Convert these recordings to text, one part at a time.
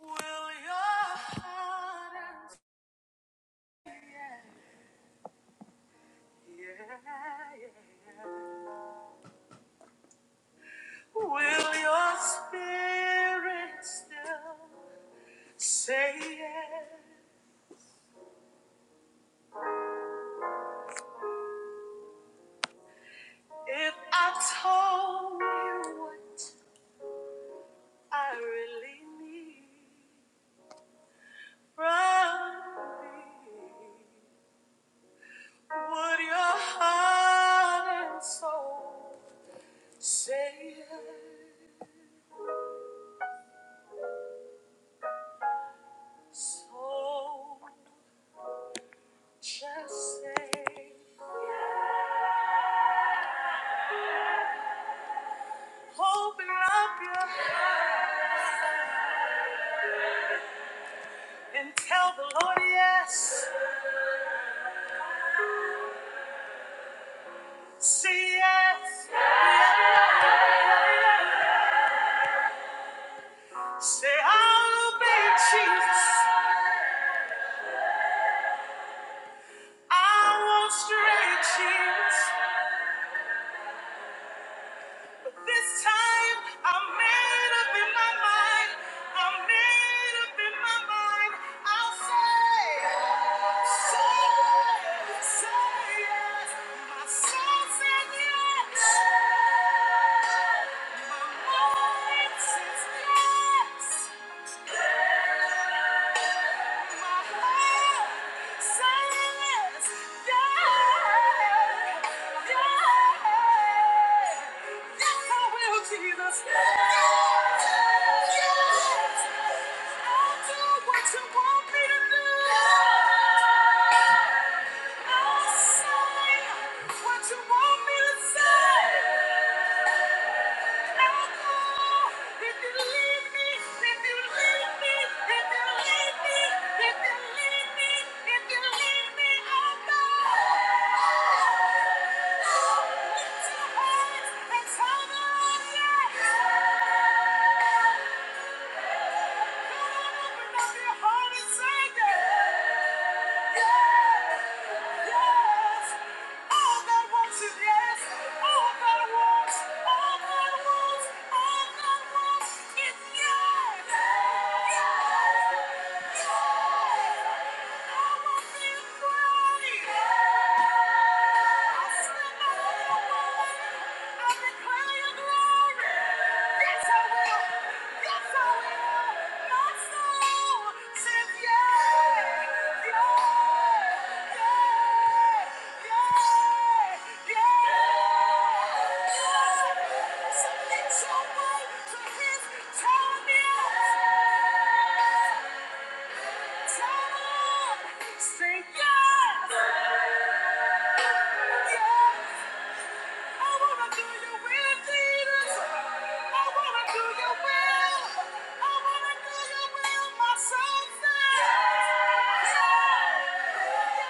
Will your heart and yeah, yeah. Will your spirit still say yes? If I told you what I really need from me, would your heart and soul say yes? So just say. Open up your and tell the Lord yes. Say yes. Say I'll obey Jesus. I won't stray Jesus. This time I'm made up in my mind. I'm made up in my mind. I'll say, say, say yes. My soul says yes. My mind says yes. What you want me to say? Yeah. Yes! Submit your way to his tell me Say yes, yes. I wanna do your will, Jesus. I wanna do your will. I wanna do your will, my soul says. Yeah,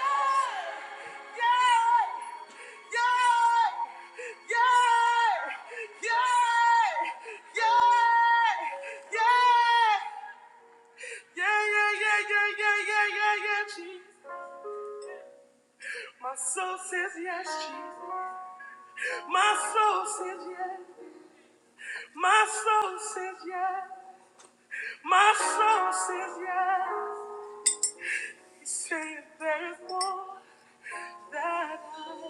yeah, yeah, yeah, yeah, yeah, yeah. Yeah, yeah, yeah, yeah, yeah, yeah, yeah, yeah, Jesus. My soul says yes, Jesus. My soul says yes. My soul says yes. My soul says yes. He's saying there is more that I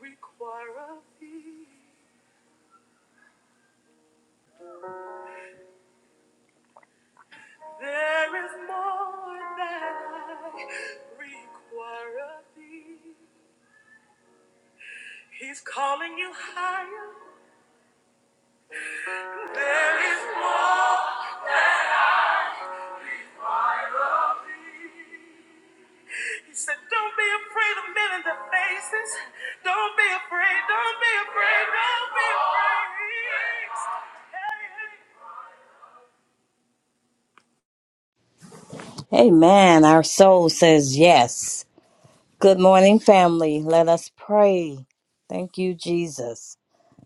require of thee. There is more that I require of thee. He's calling you higher. There is more. He said, Don't be afraid of men in the faces. Don't be afraid. Don't be afraid. Don't Amen. Our soul says yes. Good morning, family. Let us pray. Thank you, Jesus.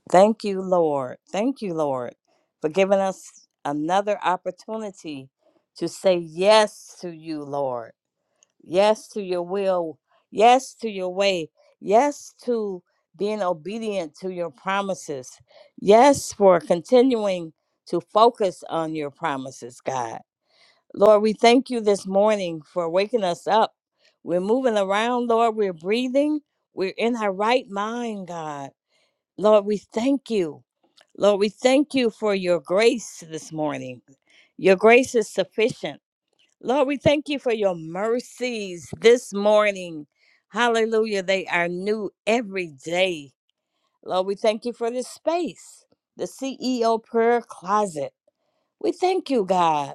Thank you, Lord. Thank you, Lord, for giving us another opportunity to say yes to you, Lord. Yes to your will. Yes to your way. Yes to being obedient to your promises. Yes for continuing to focus on your promises, God. Lord, we thank you this morning for waking us up. We're moving around, Lord. We're breathing. We're in our right mind, God. Lord, we thank you. Lord, we thank you for your grace this morning. Your grace is sufficient. Lord, we thank you for your mercies this morning. Hallelujah. They are new every day. Lord, we thank you for this space, the CEO prayer closet. We thank you, God.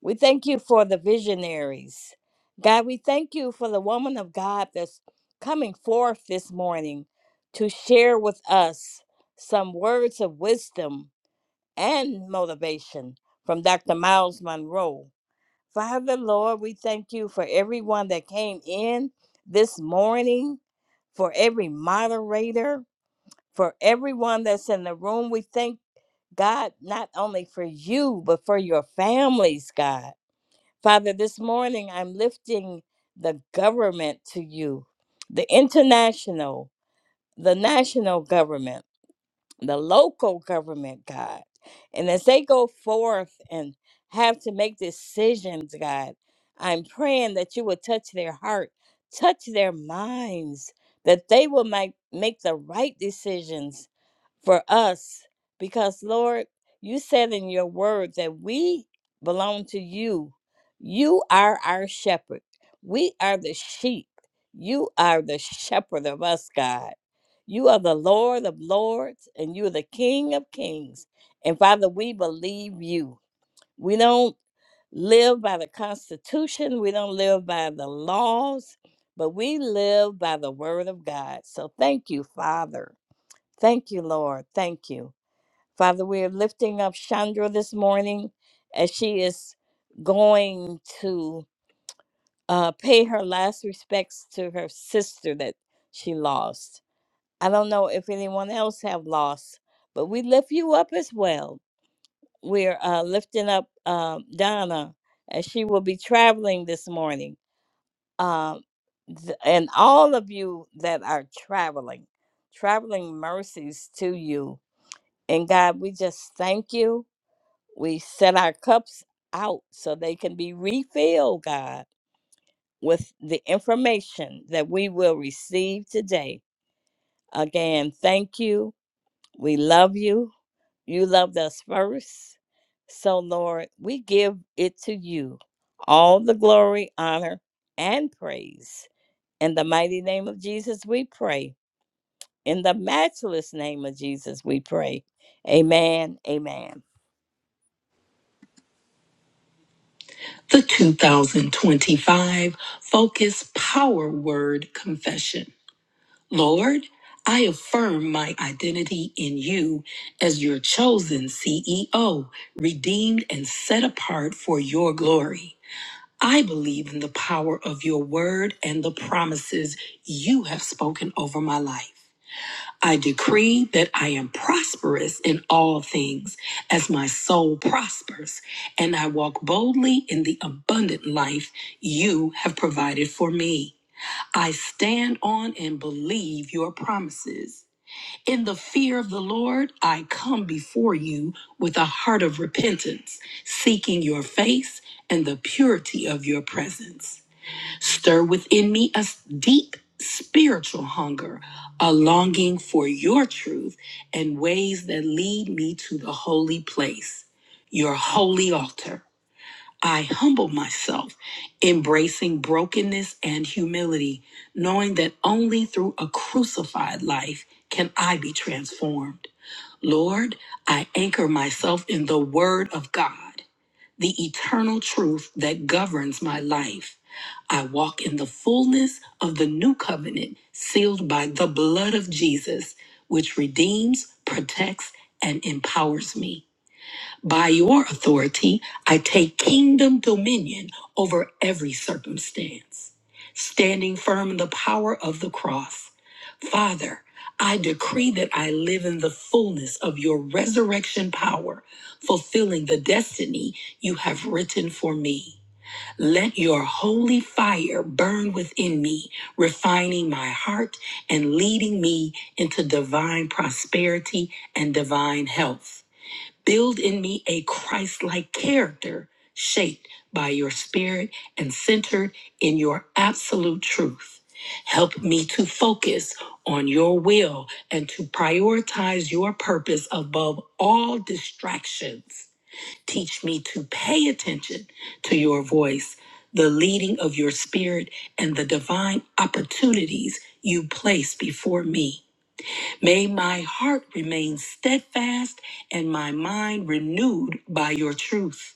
We thank you for the visionaries. God, we thank you for the woman of God that's coming forth this morning to share with us some words of wisdom and motivation from Dr. Miles Monroe. Father, Lord, we thank you for everyone that came in this morning, for every moderator, for everyone that's in the room. We thank God not only for you, but for your families, God. Father, this morning I'm lifting the government to you, the international, the national government the local government, God. And as they go forth and have to make decisions, God, I'm praying that you will touch their heart, touch their minds, that they will make, make the right decisions for us. Because, Lord, you said in your word that we belong to you. You are our shepherd. We are the sheep. You are the shepherd of us, God. You are the Lord of lords and you are the King of kings. And Father, we believe you. We don't live by the Constitution, we don't live by the laws, but we live by the Word of God. So thank you, Father. Thank you, Lord. Thank you. Father, we are lifting up Chandra this morning as she is going to uh, pay her last respects to her sister that she lost. I don't know if anyone else have lost, but we lift you up as well. We're uh, lifting up uh, Donna as she will be traveling this morning. Um, th- and all of you that are traveling, traveling mercies to you. And God, we just thank you. We set our cups out so they can be refilled, God, with the information that we will receive today. Again, thank you. We love you. You loved us first. So, Lord, we give it to you all the glory, honor, and praise. In the mighty name of Jesus, we pray. In the matchless name of Jesus, we pray. Amen. Amen. The 2025 Focus Power Word Confession. Lord, I affirm my identity in you as your chosen CEO, redeemed and set apart for your glory. I believe in the power of your word and the promises you have spoken over my life. I decree that I am prosperous in all things as my soul prospers, and I walk boldly in the abundant life you have provided for me. I stand on and believe your promises. In the fear of the Lord, I come before you with a heart of repentance, seeking your face and the purity of your presence. Stir within me a deep spiritual hunger, a longing for your truth and ways that lead me to the holy place, your holy altar. I humble myself, embracing brokenness and humility, knowing that only through a crucified life can I be transformed. Lord, I anchor myself in the Word of God, the eternal truth that governs my life. I walk in the fullness of the new covenant sealed by the blood of Jesus, which redeems, protects, and empowers me. By your authority, I take kingdom dominion over every circumstance, standing firm in the power of the cross. Father, I decree that I live in the fullness of your resurrection power, fulfilling the destiny you have written for me. Let your holy fire burn within me, refining my heart and leading me into divine prosperity and divine health. Build in me a Christ like character shaped by your spirit and centered in your absolute truth. Help me to focus on your will and to prioritize your purpose above all distractions. Teach me to pay attention to your voice, the leading of your spirit, and the divine opportunities you place before me. May my heart remain steadfast and my mind renewed by your truth.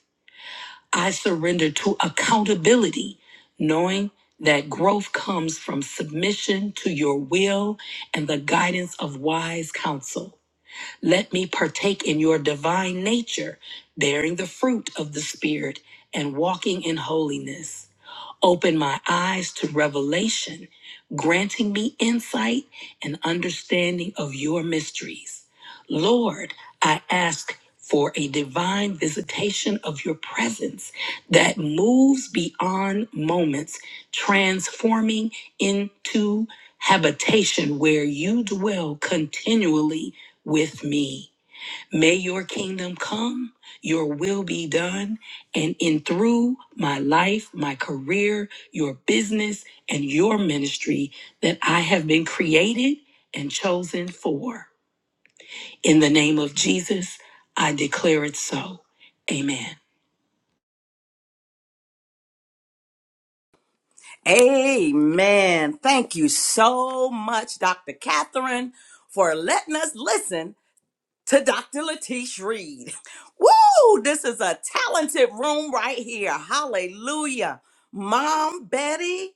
I surrender to accountability, knowing that growth comes from submission to your will and the guidance of wise counsel. Let me partake in your divine nature, bearing the fruit of the Spirit and walking in holiness. Open my eyes to revelation, granting me insight and understanding of your mysteries. Lord, I ask for a divine visitation of your presence that moves beyond moments, transforming into habitation where you dwell continually with me. May your kingdom come, your will be done, and in through my life, my career, your business, and your ministry that I have been created and chosen for. In the name of Jesus, I declare it so. Amen. be afraid. Amen. Thank you so much, Dr. Catherine, for letting us listen to Dr. Latish Reed. Woo! This is a talented room right here. Hallelujah. Mom Betty,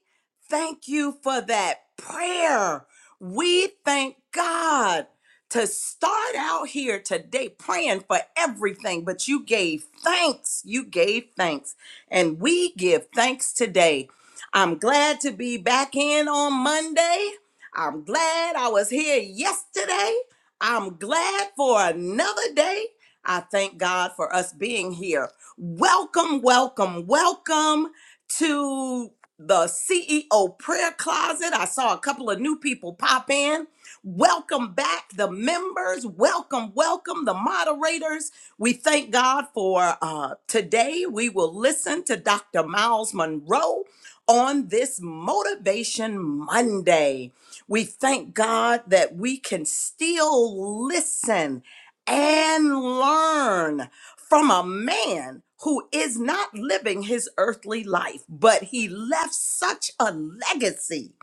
thank you for that prayer. We thank God to start out here today praying for everything, but you gave thanks. You gave thanks. And we give thanks today. I'm glad to be back in on Monday. I'm glad I was here yesterday. I'm glad for another day. I thank God for us being here. Welcome, welcome, welcome to the CEO prayer closet. I saw a couple of new people pop in. Welcome back, the members. Welcome, welcome, the moderators. We thank God for uh, today. We will listen to Dr. Miles Monroe on this Motivation Monday. We thank God that we can still listen and learn from a man who is not living his earthly life, but he left such a legacy.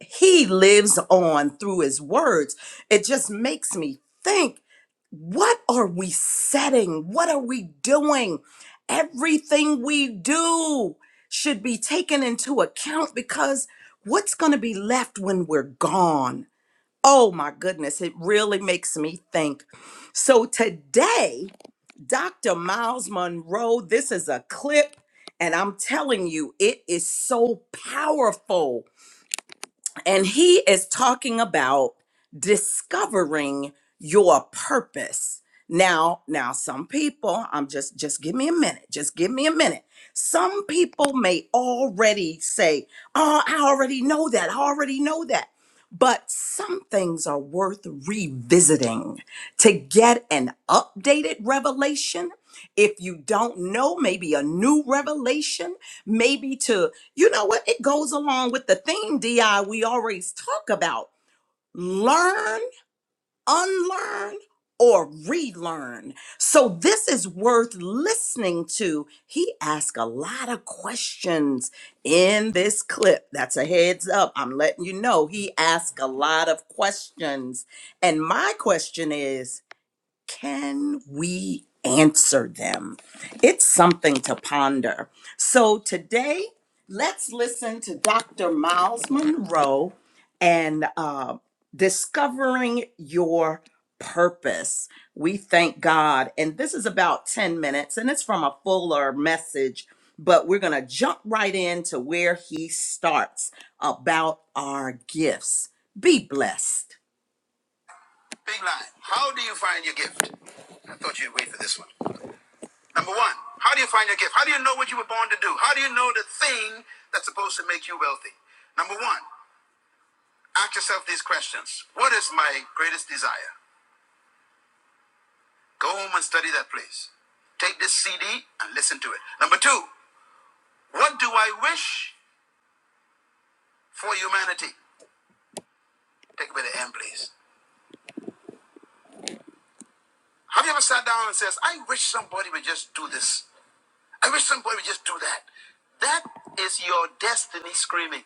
He lives on through his words. It just makes me think what are we setting? What are we doing? Everything we do should be taken into account because what's going to be left when we're gone? Oh my goodness, it really makes me think. So today, Dr. Miles Monroe, this is a clip, and I'm telling you, it is so powerful. And he is talking about discovering your purpose. Now, now some people, I'm just just give me a minute. Just give me a minute. Some people may already say, "Oh, I already know that. I already know that." But some things are worth revisiting to get an updated revelation. If you don't know, maybe a new revelation maybe to you know what it goes along with the theme di we always talk about learn unlearn or relearn so this is worth listening to he asked a lot of questions in this clip that's a heads up i'm letting you know he asked a lot of questions and my question is can we answer them? It's something to ponder. So today, let's listen to Dr. Miles Monroe and uh, discovering your purpose. We thank God. And this is about 10 minutes and it's from a fuller message, but we're going to jump right into where he starts about our gifts. Be blessed. Big line. How do you find your gift? I thought you'd wait for this one. Number one, how do you find your gift? How do you know what you were born to do? How do you know the thing that's supposed to make you wealthy? Number one, ask yourself these questions. What is my greatest desire? Go home and study that place. Take this CD and listen to it. Number two, what do I wish for humanity? Take away the M, please. Have you ever sat down and says, I wish somebody would just do this. I wish somebody would just do that. That is your destiny screaming.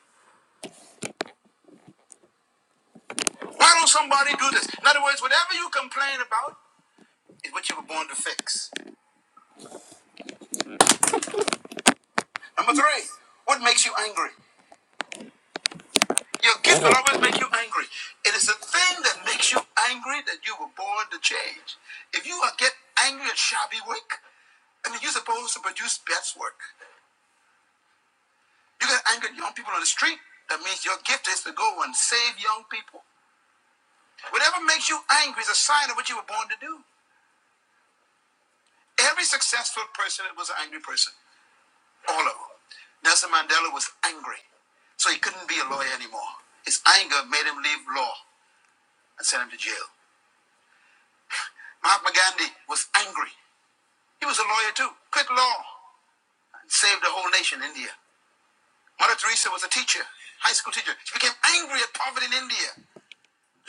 Why don't somebody do this? In other words, whatever you complain about is what you were born to fix. Number three, what makes you angry? Your gift will always make you angry. It is the thing that makes you angry that you were born to change. If you get angry at shabby work, I mean, you're supposed to produce best work. You get angry at young people on the street. That means your gift is to go and save young people. Whatever makes you angry is a sign of what you were born to do. Every successful person was an angry person. all of them. Nelson Mandela was angry, so he couldn't be a lawyer anymore. His anger made him leave law and sent him to jail. Mahatma Gandhi was angry. He was a lawyer too, quit law, and saved the whole nation, India. Mother Teresa was a teacher, high school teacher. She became angry at poverty in India,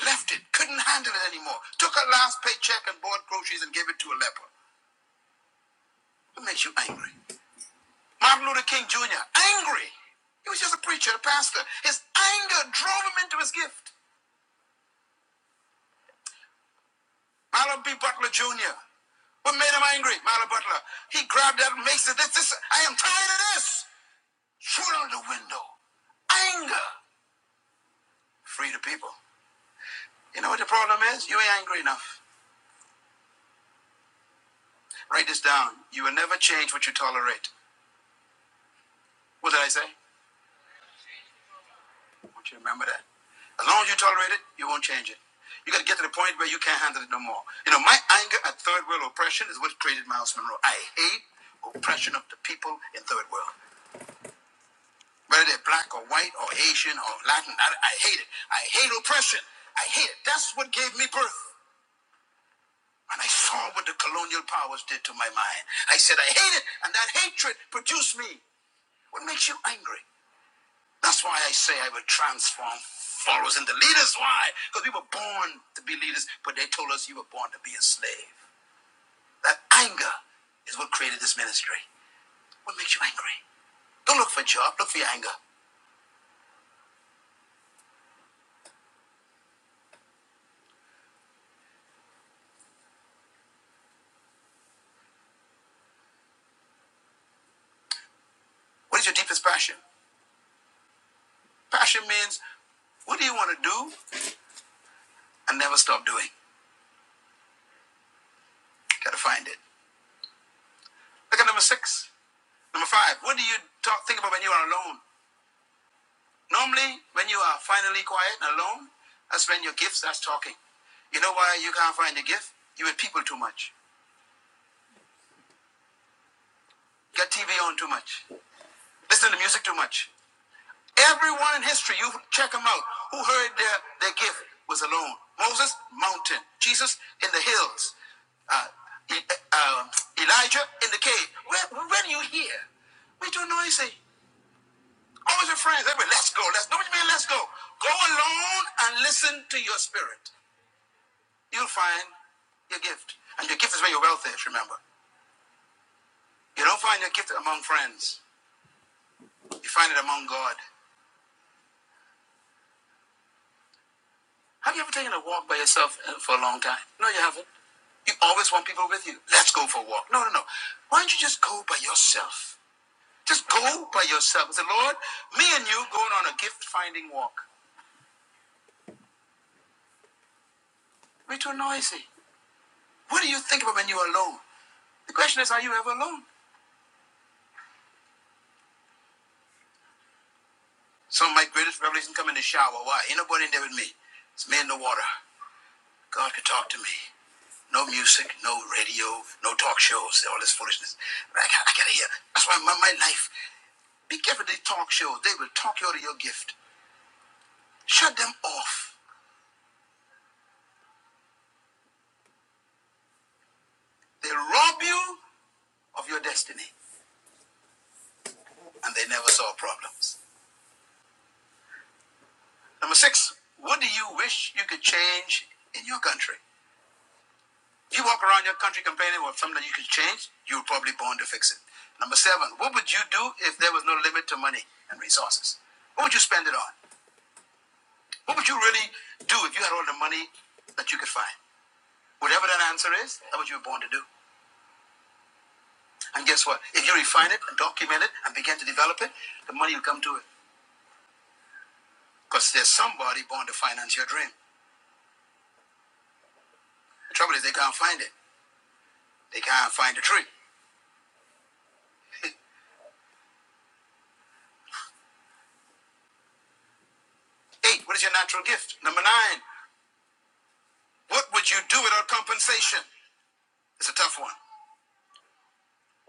left it, couldn't handle it anymore, took her last paycheck and bought groceries and gave it to a leper. What makes you angry? Martin Luther King Jr., angry. He was just a preacher, a pastor. His anger drove him into his gift. Marlon B. Butler Jr. What made him angry? Marlon Butler. He grabbed that and makes it this, this. I am tired of this. Shoot out the window. Anger. Free the people. You know what the problem is? You ain't angry enough. Write this down. You will never change what you tolerate. What did I say? I want you to remember that. As long as you tolerate it, you won't change it. You gotta get to the point where you can't handle it no more. You know, my anger at third world oppression is what created Miles Monroe. I hate oppression of the people in third world. whether they're black or white or Asian or Latin. I, I hate it. I hate oppression. I hate it. That's what gave me birth. And I saw what the colonial powers did to my mind. I said, I hate it, and that hatred produced me. What makes you angry? That's why I say I will transform followers into leaders. Why? Because we were born to be leaders, but they told us you were born to be a slave. That anger is what created this ministry. What makes you angry? Don't look for a job, look for your anger. What is your deepest passion? Passion means what do you want to do and never stop doing? Gotta find it. Look at number six. Number five, what do you talk, think about when you are alone? Normally, when you are finally quiet and alone, that's when your gift starts talking. You know why you can't find your gift? You with people too much. Get TV on too much. Listen to music too much. Everyone in history, you check them out, who heard their, their gift was alone. Moses, mountain. Jesus, in the hills. Uh, E- um, Elijah, in the cave. Where, where do you hear? We don't know anything. All your friends, everybody, let's go. Let's, no, what you mean, let's go. Go alone and listen to your spirit. You'll find your gift. And your gift is where your wealth is, remember. You don't find your gift among friends. You find it among God. Have you ever taken a walk by yourself uh, for a long time? No, you haven't. You always want people with you. Let's go for a walk. No, no, no. Why don't you just go by yourself? Just go by yourself. Say, Lord, me and you going on a gift finding walk. We're too noisy. What do you think about when you're alone? The question is, are you ever alone? Some of my greatest revelations come in the shower. Why? Ain't nobody in there with me. It's me in the water. God could talk to me. No music, no radio, no talk shows, all this foolishness. I, got- I gotta hear. That's why my, my life. Be careful these talk shows. They will talk you out of your gift. Shut them off. They rob you of your destiny and they never solve problems. Number six, what do you wish you could change in your country? If you walk around your country complaining about something that you could change, you're probably born to fix it. Number seven, what would you do if there was no limit to money and resources? What would you spend it on? What would you really do if you had all the money that you could find? Whatever that answer is, that's what you were born to do. And guess what? If you refine it and document it and begin to develop it, the money will come to it. Because there's somebody born to finance your dream. The trouble is they can't find it. They can't find a tree. Eight, what is your natural gift? Number nine, what would you do without compensation? It's a tough one.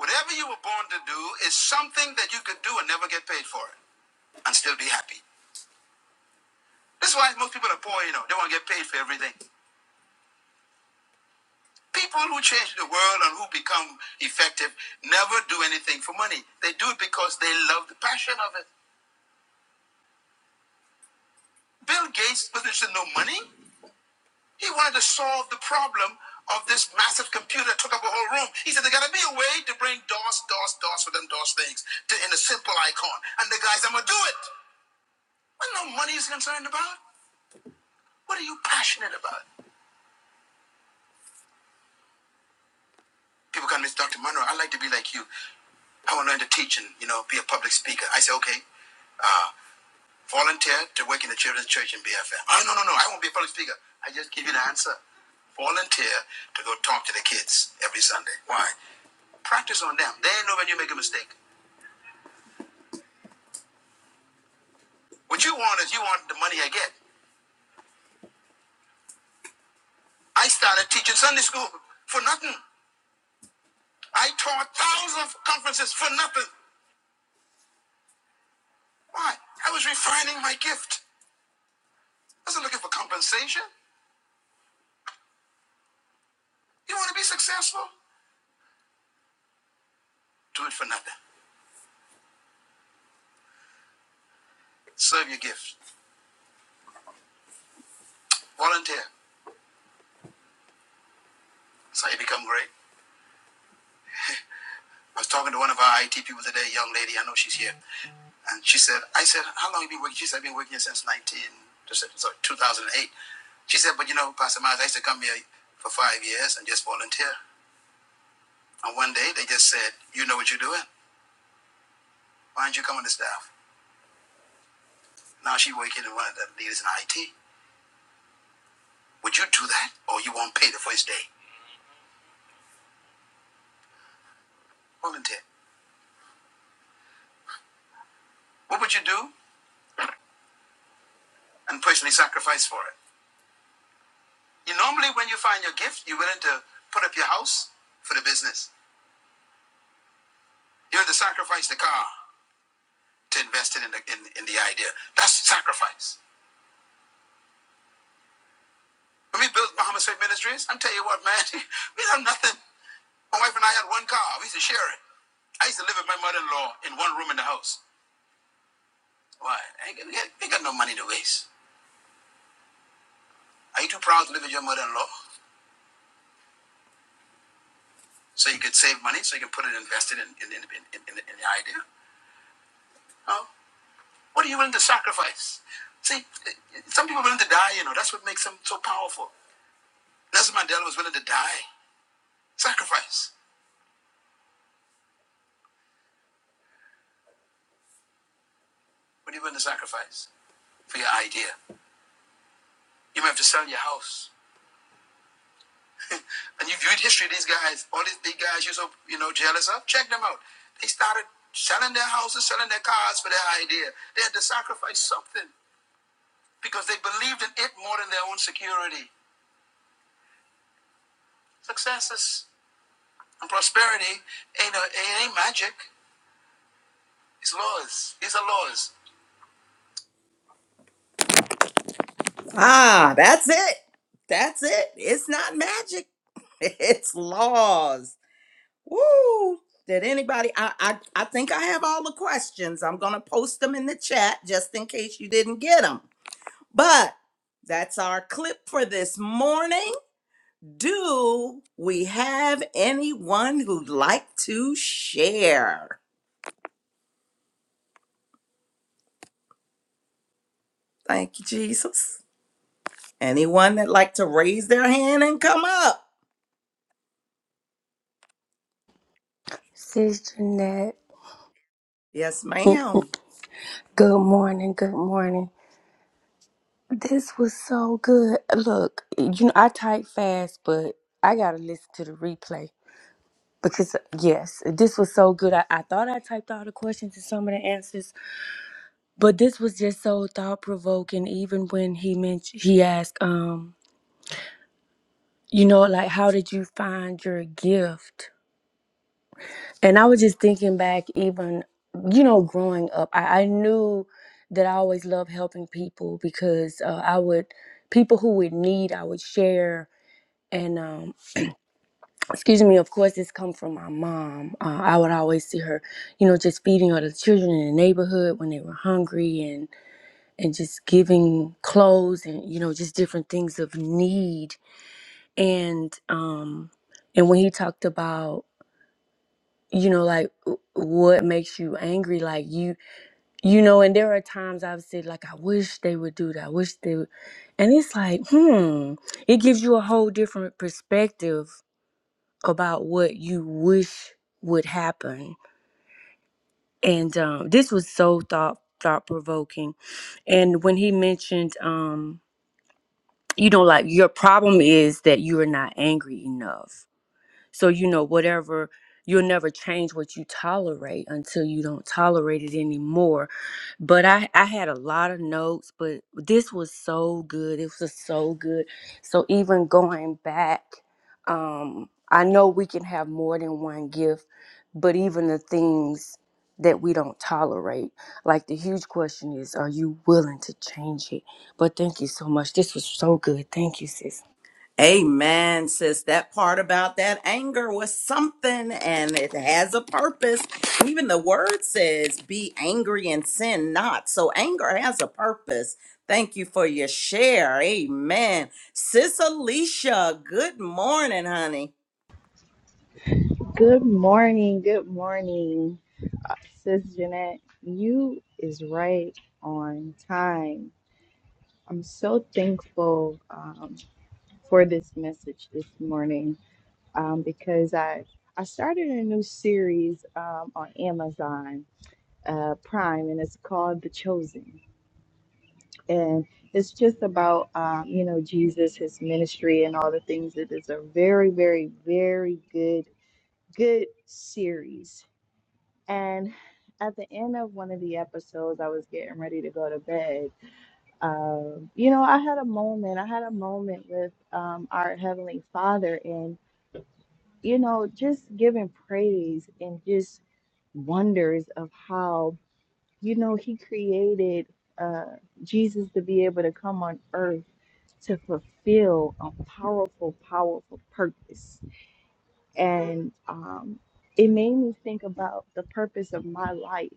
Whatever you were born to do is something that you could do and never get paid for it and still be happy. This is why most people are poor, you know. They want to get paid for everything. People who change the world and who become effective never do anything for money. They do it because they love the passion of it. Bill Gates was interested in no money. He wanted to solve the problem of this massive computer that took up a whole room. He said, there gotta be a way to bring DOS, DOS, DOS for them DOS things to, in a simple icon. And the guys, I'm gonna do it. Well, no money is concerned about. What are you passionate about? People come to me, Dr. Monroe, I'd like to be like you. I want to learn to teach and, you know, be a public speaker. I say, okay, Volunteer to work in the children's church in BFM. Oh, no, no, no. I won't be a public speaker. I just give you the answer. Volunteer to go talk to the kids every Sunday. Why? Practice on them. They know when you make a mistake. What you want is you want the money I get. I started teaching Sunday school for nothing. I taught thousands of conferences for nothing. Why? I was refining my gift. I wasn't looking for compensation. You want to be successful? Do it for nothing. Serve your gift. Volunteer. That's how you become great. I was talking to one of our IT people today, a young lady, I know she's here. And she said, I said, how long have you been working? She said, I've been working here since 19, just- sorry, 2008. She said, but you know, Pastor Miles, I used to come here for five years and just volunteer. And one day they just said, you know what you're doing. Why don't you come on the staff? Now she's working in one of the leaders in IT. Would you do that? Or you won't pay the first day? Volunteer. What would you do? And personally sacrifice for it. You normally, when you find your gift, you're willing to put up your house for the business. You have to sacrifice the car to invest it in the in, in the idea. That's sacrifice. When we built Muhammad Faith Ministries, I'm telling you what, man, we had nothing. My wife and I had one car. We used to share it. I used to live with my mother-in-law in one room in the house. Why? I ain't, got- we got got no money to waste. Are you too proud to live with your mother-in-law? So you could save money, so you can put it invested in in, in, in, in, in the idea? No. What are you willing to sacrifice? See, some people are willing to die, you know. That's what makes them so powerful. Nelson Mandela was willing to die. Sacrifice. What are you going to sacrifice for your idea? You may have to sell your house. And you viewed history, these guys, all these big guys you're so you know jealous of, check them out. They started selling their houses, selling their cars for their idea. They had to sacrifice something because they believed in it more than their own security. Successes and prosperity ain't a, ain't magic. It's laws. These are laws. Ah, that's it. That's it. It's not magic. It's laws. Woo! Did anybody? I, I I think I have all the questions. I'm gonna post them in the chat just in case you didn't get them. But that's our clip for this morning. Do we have anyone who'd like to share? Thank you, Jesus. Anyone that like to raise their hand and come up? Sis Jeanette, Yes, ma'am. good morning, good morning. This was so good. Look, you know, I type fast, but I gotta listen to the replay. Because yes, this was so good. I, I thought I typed all the questions and some of the answers, but this was just so thought provoking. Even when he mentioned, he asked, um, you know, like how did you find your gift? And I was just thinking back, even you know, growing up, I, I knew that I always loved helping people because uh, I would people who would need, I would share, and um, excuse me of course this come from my mom uh, i would always see her you know just feeding other children in the neighborhood when they were hungry and and just giving clothes and you know just different things of need and um and when he talked about you know like w- what makes you angry like you you know and there are times i've said like i wish they would do that i wish they would and it's like hmm it gives you a whole different perspective about what you wish would happen. And um, this was so thought thought provoking. And when he mentioned, um, you know, like your problem is that you are not angry enough. So, you know, whatever, you'll never change what you tolerate until you don't tolerate it anymore. But I, I had a lot of notes, but this was so good. It was so good. So, even going back, um, I know we can have more than one gift, but even the things that we don't tolerate, like the huge question is, are you willing to change it? But thank you so much. This was so good. Thank you, sis. Amen, sis. That part about that anger was something and it has a purpose. Even the word says, be angry and sin not. So anger has a purpose. Thank you for your share. Amen. Sis Alicia, good morning, honey. Good morning. Good morning, uh, Sis Jeanette. You is right on time. I'm so thankful um, for this message this morning um, because I I started a new series um, on Amazon uh, Prime and it's called The Chosen and it's just about um, you know Jesus, his ministry, and all the things. It is a very, very, very good good series And at the end of one of the episodes, I was getting ready to go to bed. Um, you know, I had a moment. I had a moment with um, our Heavenly Father and, you know, just giving praise and just wonders of how, you know, He created uh, Jesus to be able to come on earth to fulfill a powerful, powerful purpose. And um, it made me think about the purpose of my life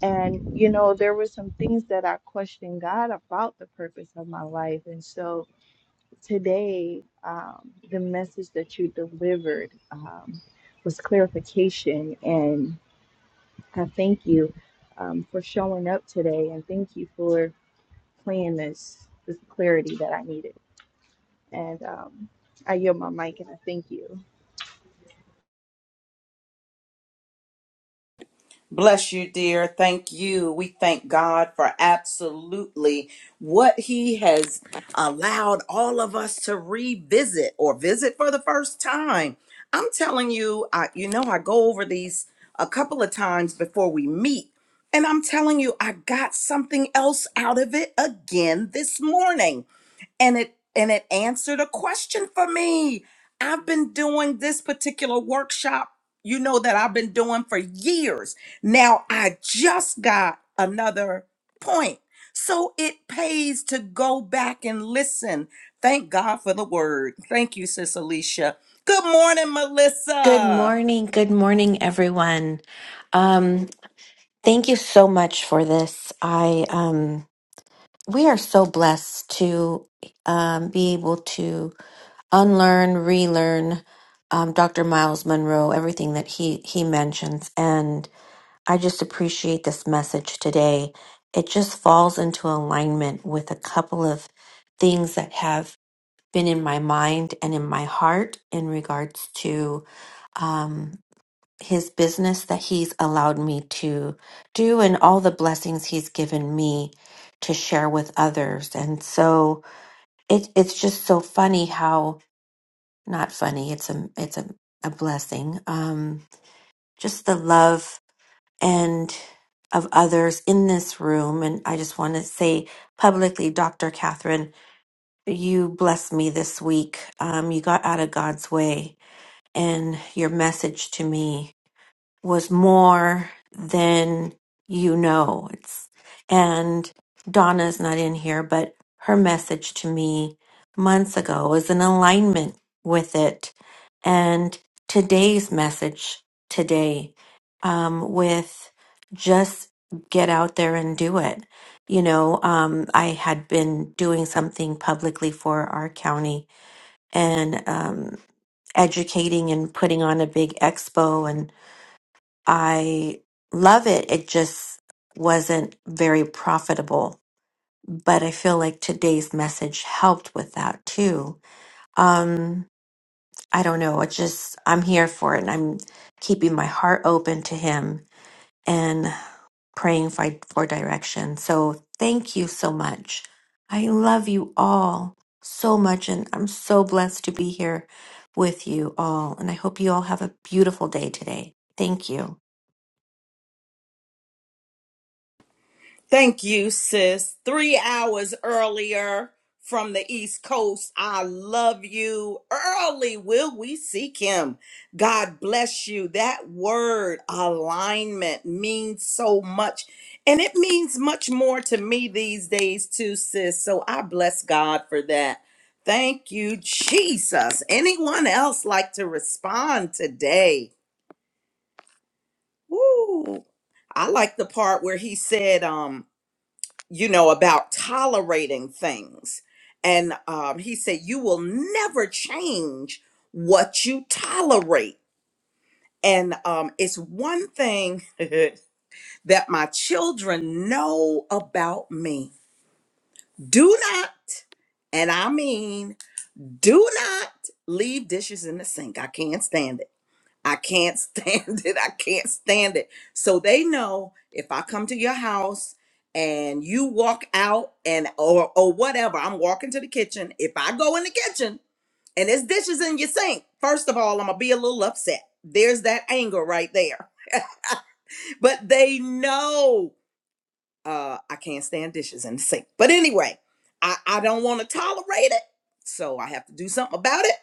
And, you know, there were some things that I questioned God about the purpose of my life. And so today, um, the message that you delivered um, was clarification. And I thank you um, for showing up today. And thank you for playing this, this clarity that I needed. And um, I yield my mic and I thank you. Bless you, dear. Thank you. We thank God for absolutely what He has allowed all of us to revisit or visit for the first time. I'm telling you, I, you know, I go over these a couple of times before we meet, and I'm telling you, I got something else out of it again this morning and it and it answered a question for me I've been doing this particular workshop, you know, that I've been doing for years. Now I just got another point. So it pays to go back and listen. Thank God for the word. Thank you, Sis Alicia. Good morning, Good Melissa. morning. Good morning, everyone. Um, thank you so much for this. I um, we are so blessed to um, be able to unlearn, relearn um, Dr. Miles Monroe, everything that he he mentions, and I just appreciate this message today. It just falls into alignment with a couple of things that have been in my mind and in my heart in regards to. Um, his business that he's allowed me to do and all the blessings he's given me to share with others. And so it it's just so funny how not funny, it's a it's a, a blessing. Um just the love and of others in this room. And I just want to say publicly, Dr. Catherine, you blessed me this week. Um, you got out of God's way and your message to me. was more than you know. It's and Donna's not in here, but her message to me months ago was in alignment with it, and today's message today um, with just get out there and do it. You know, um, I had been doing something publicly for our county and um, educating and putting on a big expo and I love it. It just wasn't very profitable. But I feel like today's message helped with that too. Um, I don't know. It just, I'm here for it and I'm keeping my heart open to Him and praying for, for direction. So thank you so much. I love you all so much and I'm so blessed to be here with you all. And I hope you all have a beautiful day today. Thank you. Thank you, sis. Three hours earlier from the East Coast. I love you. Early will we seek him. God bless you. That word alignment means so much. And it means much more to me these days, too, sis. So I bless God for that. Thank you, Jesus. Anyone else like to respond today? Woo. I like the part where he said, um, you know, about tolerating things. And um, he said, You will never change what you tolerate. And um, it's one thing that my children know about me. Do not, and I mean, do not leave dishes in the sink. I can't stand it I can't stand it. I can't stand it. So they know if I come to your house and you walk out and or or whatever, I'm walking to the kitchen. If I go in the kitchen and there's dishes in your sink, first of all, I'm gonna be a little upset. There's that anger right there. But they know uh I can't stand dishes in the sink. But anyway, I, I don't want to tolerate it. So I have to do something about it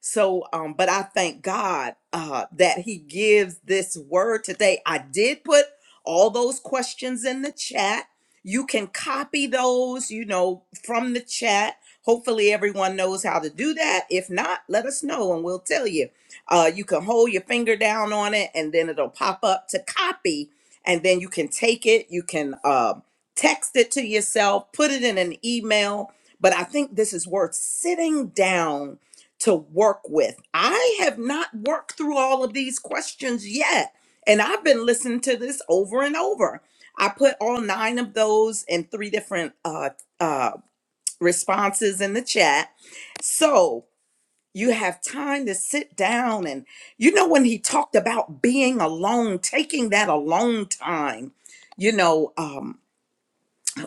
so, um, but I thank God uh, that He gives this word today. I did put all those questions in the chat. You can copy those, you know, from the chat. Hopefully, everyone knows how to do that. If not, let us know and we'll tell you. Uh, you can hold your finger down on it and then it'll pop up to copy, and then you can take it. You can um text it to yourself, put it in an email. But I think this is worth sitting down to work with. I have not worked through all of these questions yet. And I've been listening to this over and over. I put all nine of those in three different uh, uh, responses in the chat. So you have time to sit down. And you know, when he talked about being alone, taking that alone time, you know. um,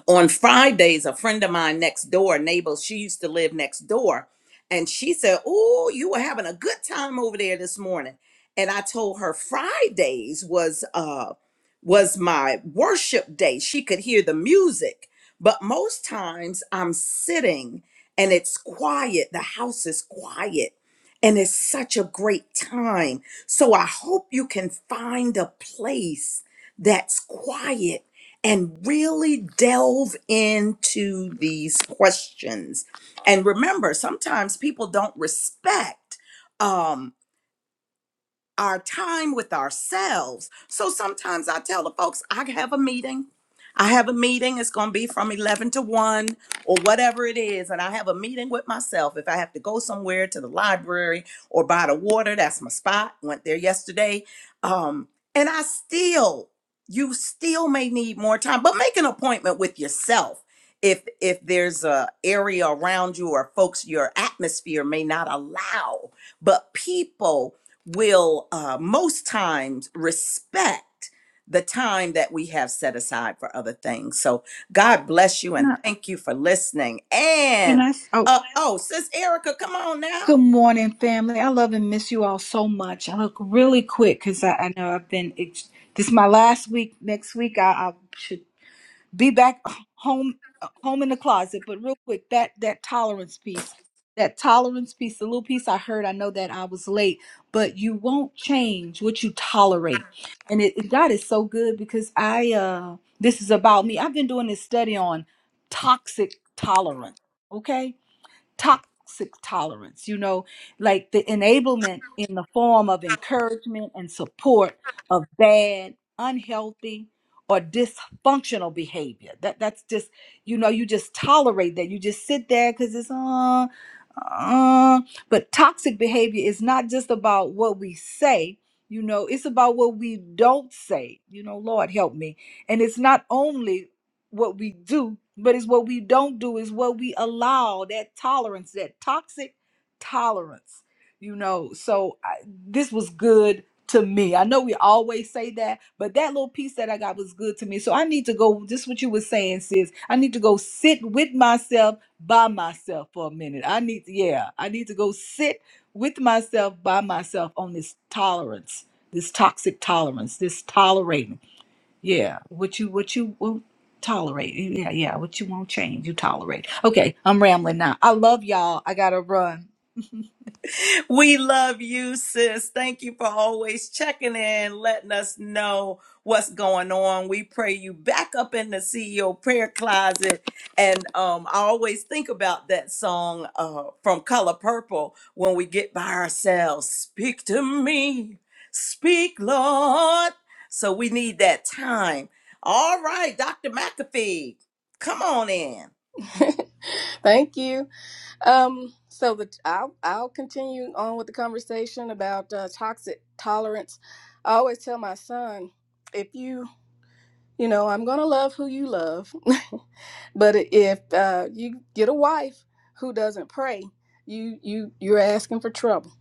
on Fridays, a friend of mine next door, neighbor, she used to live next door, and she said, Oh, you were having a good time over there this morning. And I told her Fridays was uh was my worship day. She could hear the music, but most times I'm sitting and it's quiet. The house is quiet. And it's such a great time. So I hope you can find a place that's quiet and really delve into these questions. And remember, sometimes people don't respect. um, our time with ourselves. So sometimes I tell the folks, I have a meeting. I have a meeting. It's going to be from 11 to 1 or whatever it is. And I have a meeting with myself. If I have to go somewhere to the library or by the water, that's my spot. Went there yesterday. Um, and I still, you still may need more time, but make an appointment with yourself. If, if there's a area around you or folks your atmosphere may not allow but people will uh, most times respect the time that we have set aside for other things. So God bless you Can and I, thank you for listening. can And I s- oh, uh, oh, Sis Erica, come on now. good morning, family. I love and miss you all so much. I look really quick because I, I know I've been, ex- this is my last week. Next week, I, I should be back home, home in the closet. But real quick, that, that tolerance piece, that tolerance piece, the little piece I heard, I know that I was late, but you won't change what you tolerate. And it, God is so good because I, uh, this is about me. I've been doing this study on toxic tolerance. Okay toxic tolerance, you know, like the enablement in the form of encouragement and support of bad, unhealthy, or dysfunctional behavior. That that's just, you know, you just tolerate that. You just sit there because it's uh, uh. But toxic behavior is not just about what we say. You know, it's about what we don't say. You know, Lord help me. And it's not only what we do, but it's what we don't do, is what we allow that tolerance, that toxic tolerance, you know. So I, this was good to me. I know we always say that, but that little piece that I got was good to me. So I need to go, just what you were saying, sis. I need to go sit with myself by myself for a minute. I need, yeah, I need to go sit with myself by myself on this tolerance, this toxic tolerance, this tolerating. Yeah, what you what you will tolerate. Yeah, yeah, what you won't change, you tolerate. Okay, I'm rambling now. I love y'all. I gotta run. We love you, sis. Thank you for always checking in, letting us know what's going on. We pray you back up in the CEO prayer closet. And um, I always think about that song uh, from Color Purple when we get by ourselves. Speak to me, speak, Lord. So we need that time. All right, Dr. McAfee, come on in. Thank you. Um, so the, I'll, I'll continue on with the conversation about uh, toxic tolerance. I always tell my son, if you, you know, I'm going to love who you love, but if uh, you get a wife who doesn't pray, you, you, you're asking for trouble.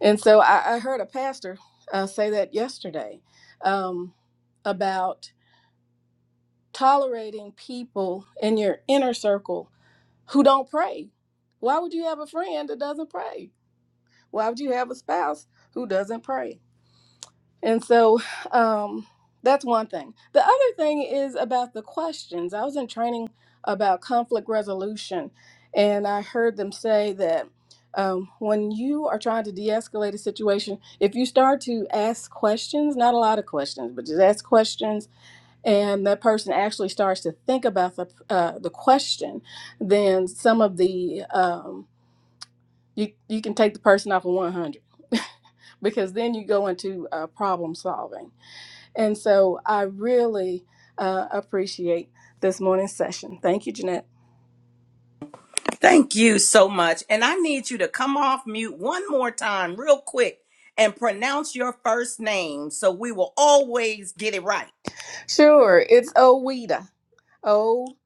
And so I, I heard a pastor uh, say that yesterday um, about tolerating people in your inner circle who don't pray. Why would you have a friend that doesn't pray? Why would you have a spouse who doesn't pray? And so um, that's one thing. The other thing is about the questions. I was in training about conflict resolution, and I heard them say that um, when you are trying to de escalate a situation, if you start to ask questions, not a lot of questions, but just ask questions and that person actually starts to think about the uh, the question, then some of the um, you you can take the person off of one hundred because then you go into uh, problem solving. And so I really uh, appreciate this morning's session. Thank you, Jeanette. Thank you so much. And I need you to come off mute one more time, real quick, and pronounce your first name so we will always get it right. Sure, it's Oweda. Oh,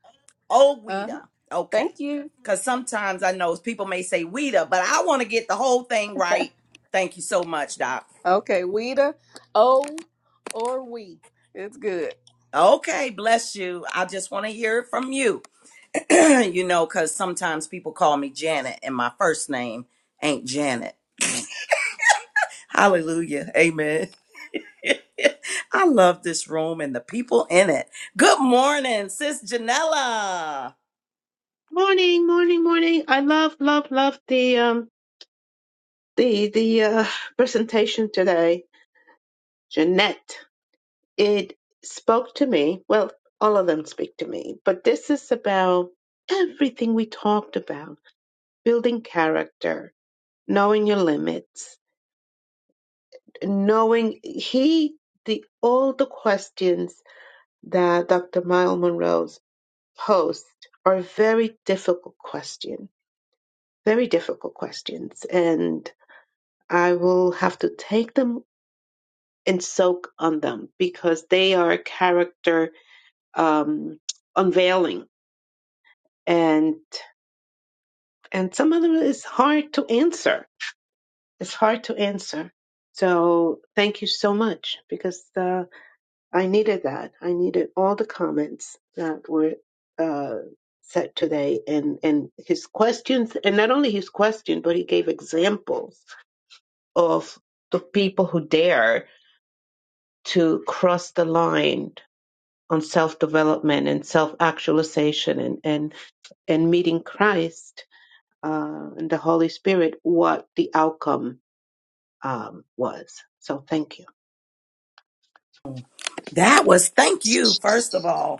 uh huh. Oweda. Okay. Thank you. Because sometimes I know people may say Weta, but I want to get the whole thing right. Thank you so much, Doc. Okay, Weda, O or we. It's good. Okay, bless you. I just want to hear it from you. you know, because sometimes people call me Janet, and my first name ain't Janet. Hallelujah. Amen. I love this room and the people in it. Good morning, Sis Janella. Morning, morning, morning. I love, love, love the um the the uh presentation today. Jeanette, it spoke to me. Well, all of them speak to me, but this is about everything we talked about. Building character, knowing your limits, knowing he the all the questions that Dr. Miles Monroe's posed are very difficult questions. Very difficult questions. And I will have to take them and soak on them because they are character um, unveiling, and and some of them is hard to answer. It's hard to answer. So thank you so much because uh, I needed that. I needed all the comments that were uh, said today, and and his questions, and not only his question, but he gave examples of the people who dare to cross the line on self development and self actualization and, and and meeting Christ uh, and the Holy Spirit, what the outcome um, was. So thank you. That was thank you, first of all.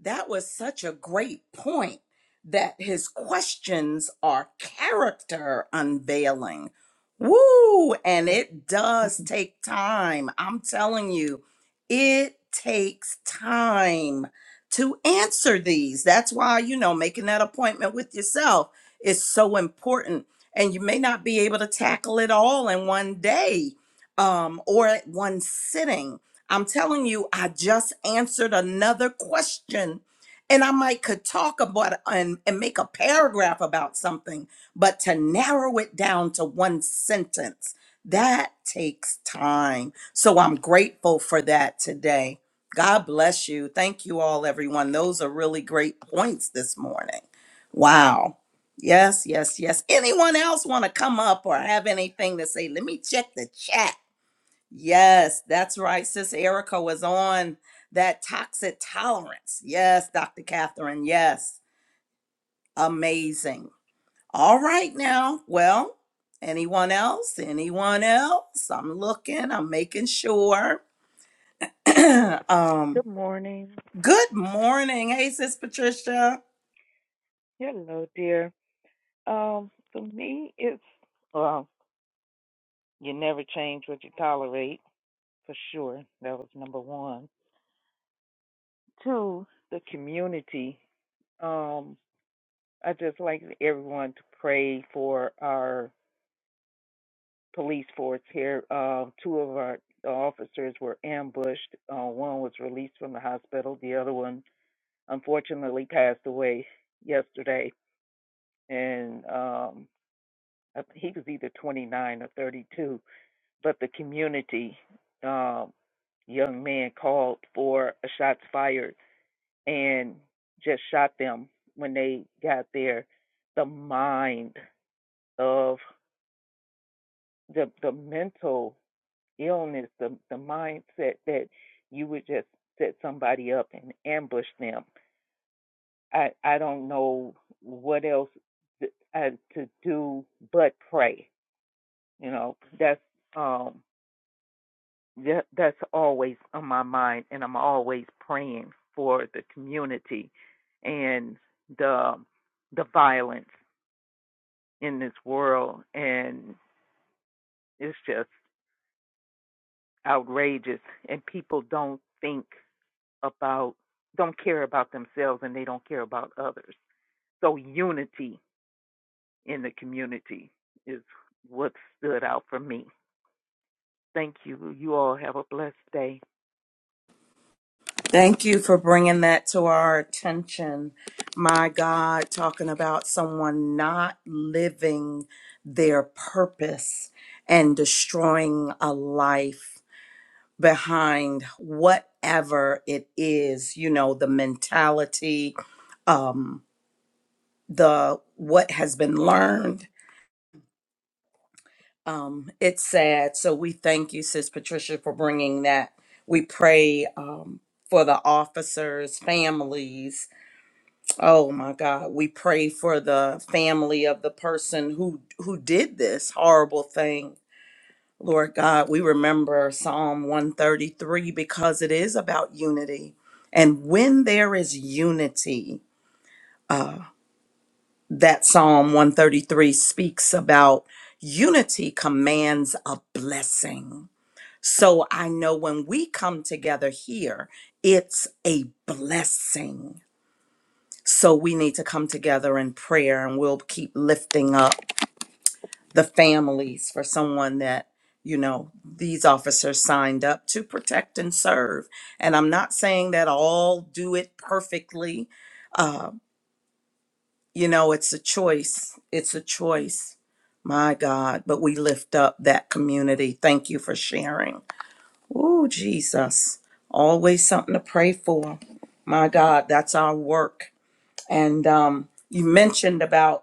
That was such a great point that his questions are character unveiling. Woo! And it does take time. I'm telling you, it takes time to answer these. That's why, you know, making that appointment with yourself is so important. And you may not be able to tackle it all in one day um, or at one sitting I'm telling you, I just answered another question. And I might could talk about and, and make a paragraph about something, but to narrow it down to one sentence, that takes time. So I'm grateful for that today. God bless you. Thank you all, everyone. Those are really great points this morning. Wow. Yes, yes, yes. Anyone else want to come up or have anything to say? Let me check the chat. Yes, that's right. Sis Erica was on that toxic tolerance. Yes, Dr. Catherine. Yes, amazing. All right, now, well, anyone else? Anyone else? I'm looking, I'm making sure. um, Good morning. good morning. Hey, Sis Patricia. Hello, dear. Um, for me, it's well, you never change what you tolerate for sure. That was number one. Two, the community. Um, I just like everyone to pray for our police force here. Uh, two of our officers were ambushed. Uh, one was released from the hospital. The other one, unfortunately, passed away yesterday. And um, I- he was either 29 or 32 but the community um, young man called for a shots fired and just shot them when they got there. The mind of the the mental illness, the the mindset that you would just set somebody up and ambush them. I I don't know what else I, to do but pray. You know that's um yeah, that's always on my mind, and I'm always praying for the community and the the violence in this world, and it's just outrageous. And people don't think about, don't care about themselves, and they don't care about others. So unity in the community is what stood out for me. Thank you. You all have a blessed day. Thank you for bringing that to our attention. My God, talking about someone not living their purpose and destroying a life behind whatever it is, you know, the mentality, um, the what has been learned. Um, it's sad. So we thank you, Sis Patricia, for bringing that. We pray um, for the officers' families Oh my God. We pray for the family of the person who who did this horrible thing. Lord God, we remember Psalm 133 because it is about unity. And when there is unity, uh, that Psalm 133 speaks about unity commands a blessing. So I know when we come together here, it's a blessing So we need to come together in prayer and we'll keep lifting up the families for someone that, you know, these officers signed up to protect and serve. And I'm not saying that all do it perfectly. Uh, you know, it's a choice. It's a choice. My God, but we lift up that community. Thank you for sharing. Oh, Jesus. Always something to pray for. My God, that's our work. And um, you mentioned about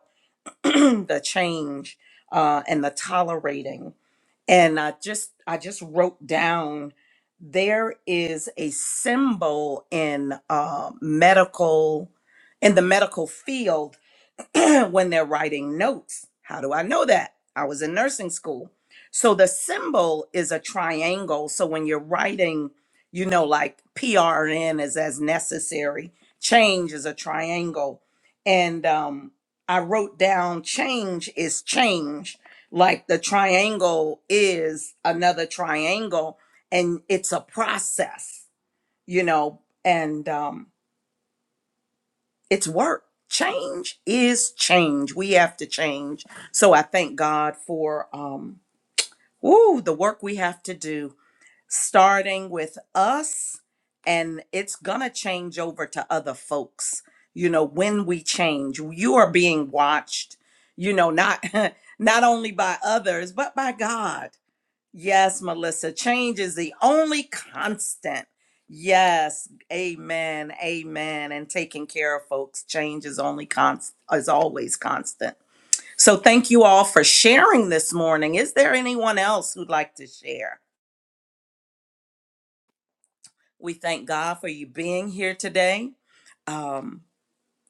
the change uh, and the tolerating. And I just I just wrote down there is a symbol in uh, medical in the medical field when they're writing notes. How do I know that? I was in nursing school. So the symbol is a triangle. So when you're writing, you know, like PRN is as necessary, change is a triangle. And um, I wrote down change is change, like the triangle is another triangle, and it's a process, you know, and um, it's work. Change is change. We have to change. So I thank God for um woo, the work we have to do starting with us and it's going to change over to other folks. You know, when we change, you are being watched, you know, not not only by others, but by God. Yes, Melissa, change is the only constant. Yes, amen, amen. And taking care of folks, change is only constant, is always constant. So thank you all for sharing this morning. Is there anyone else who'd like to share? We thank God for you being here today. Um,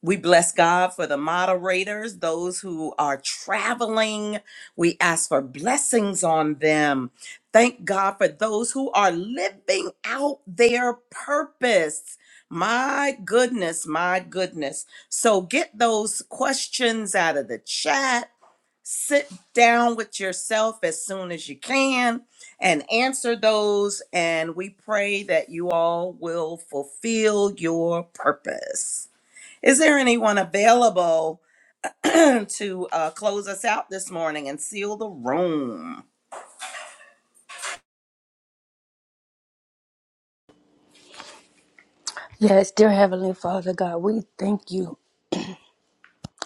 We bless God for the moderators, those who are traveling. We ask for blessings on them. Thank God for those who are living out their purpose. My goodness, my goodness. So get those questions out of the chat. Sit down with yourself as soon as you can and answer those. And we pray that you all will fulfill your purpose. Is there anyone available to uh, close us out this morning and seal the room? Yes, dear Heavenly Father God, we thank you.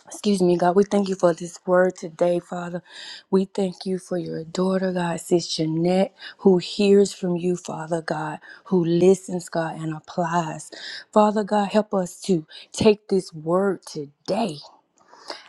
Excuse me, God. We thank you for this word today, Father. We thank you for your daughter, God, Sis Jeanette, who hears from you, Father God, who listens, God, and applies. Father God, help us to take this word today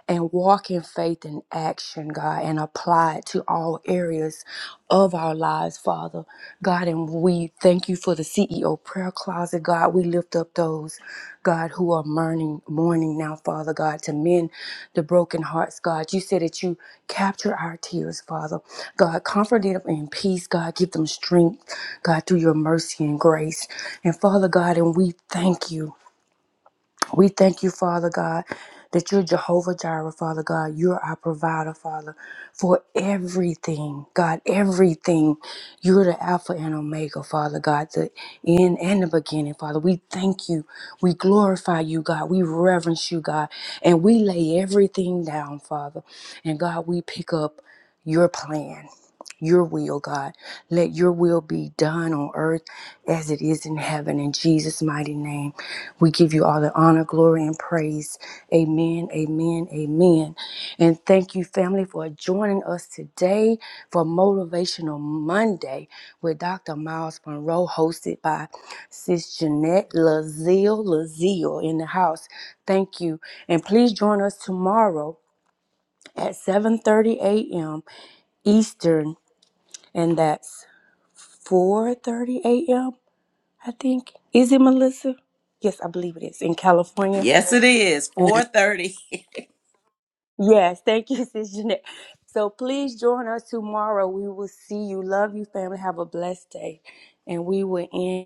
and walk in faith and action, God, and apply it to all areas of our lives, Father. God, and we thank you for the CEO prayer closet, God. We lift up those, God, who are mourning, mourning now, Father God, to mend the broken hearts, God. You said that you capture our tears, Father. God, comfort them in peace, God. Give them strength, God, through your mercy and grace. And Father God, and we thank you. We thank you, Father God, that you're Jehovah Jireh, Father God. You're our provider, Father, for everything, God, everything. You're the Alpha and Omega, Father God, the end and the beginning, Father. We thank you. We glorify you, God. We reverence you, God. And we lay everything down, Father. And God, we pick up your plan. Your will, God. Let your will be done on earth as it is in heaven. In Jesus' mighty name. We give you all the honor, glory, and praise. Amen, amen, amen. And thank you, family, for joining us today for Motivational Monday with Dr. Miles Monroe, hosted by Sis Jeanette Lazille, Lazille in the house. Thank you. And please join us tomorrow at 7.30 a.m. Eastern, and that's 4.30 a.m., I think. Is it, Melissa? Yes, I believe it is, in California. Yes, it is. 4:30. Yes, thank you, Sis Jeanette. So please join us tomorrow. We will see you. Love you, family. Have a blessed day. And we will end.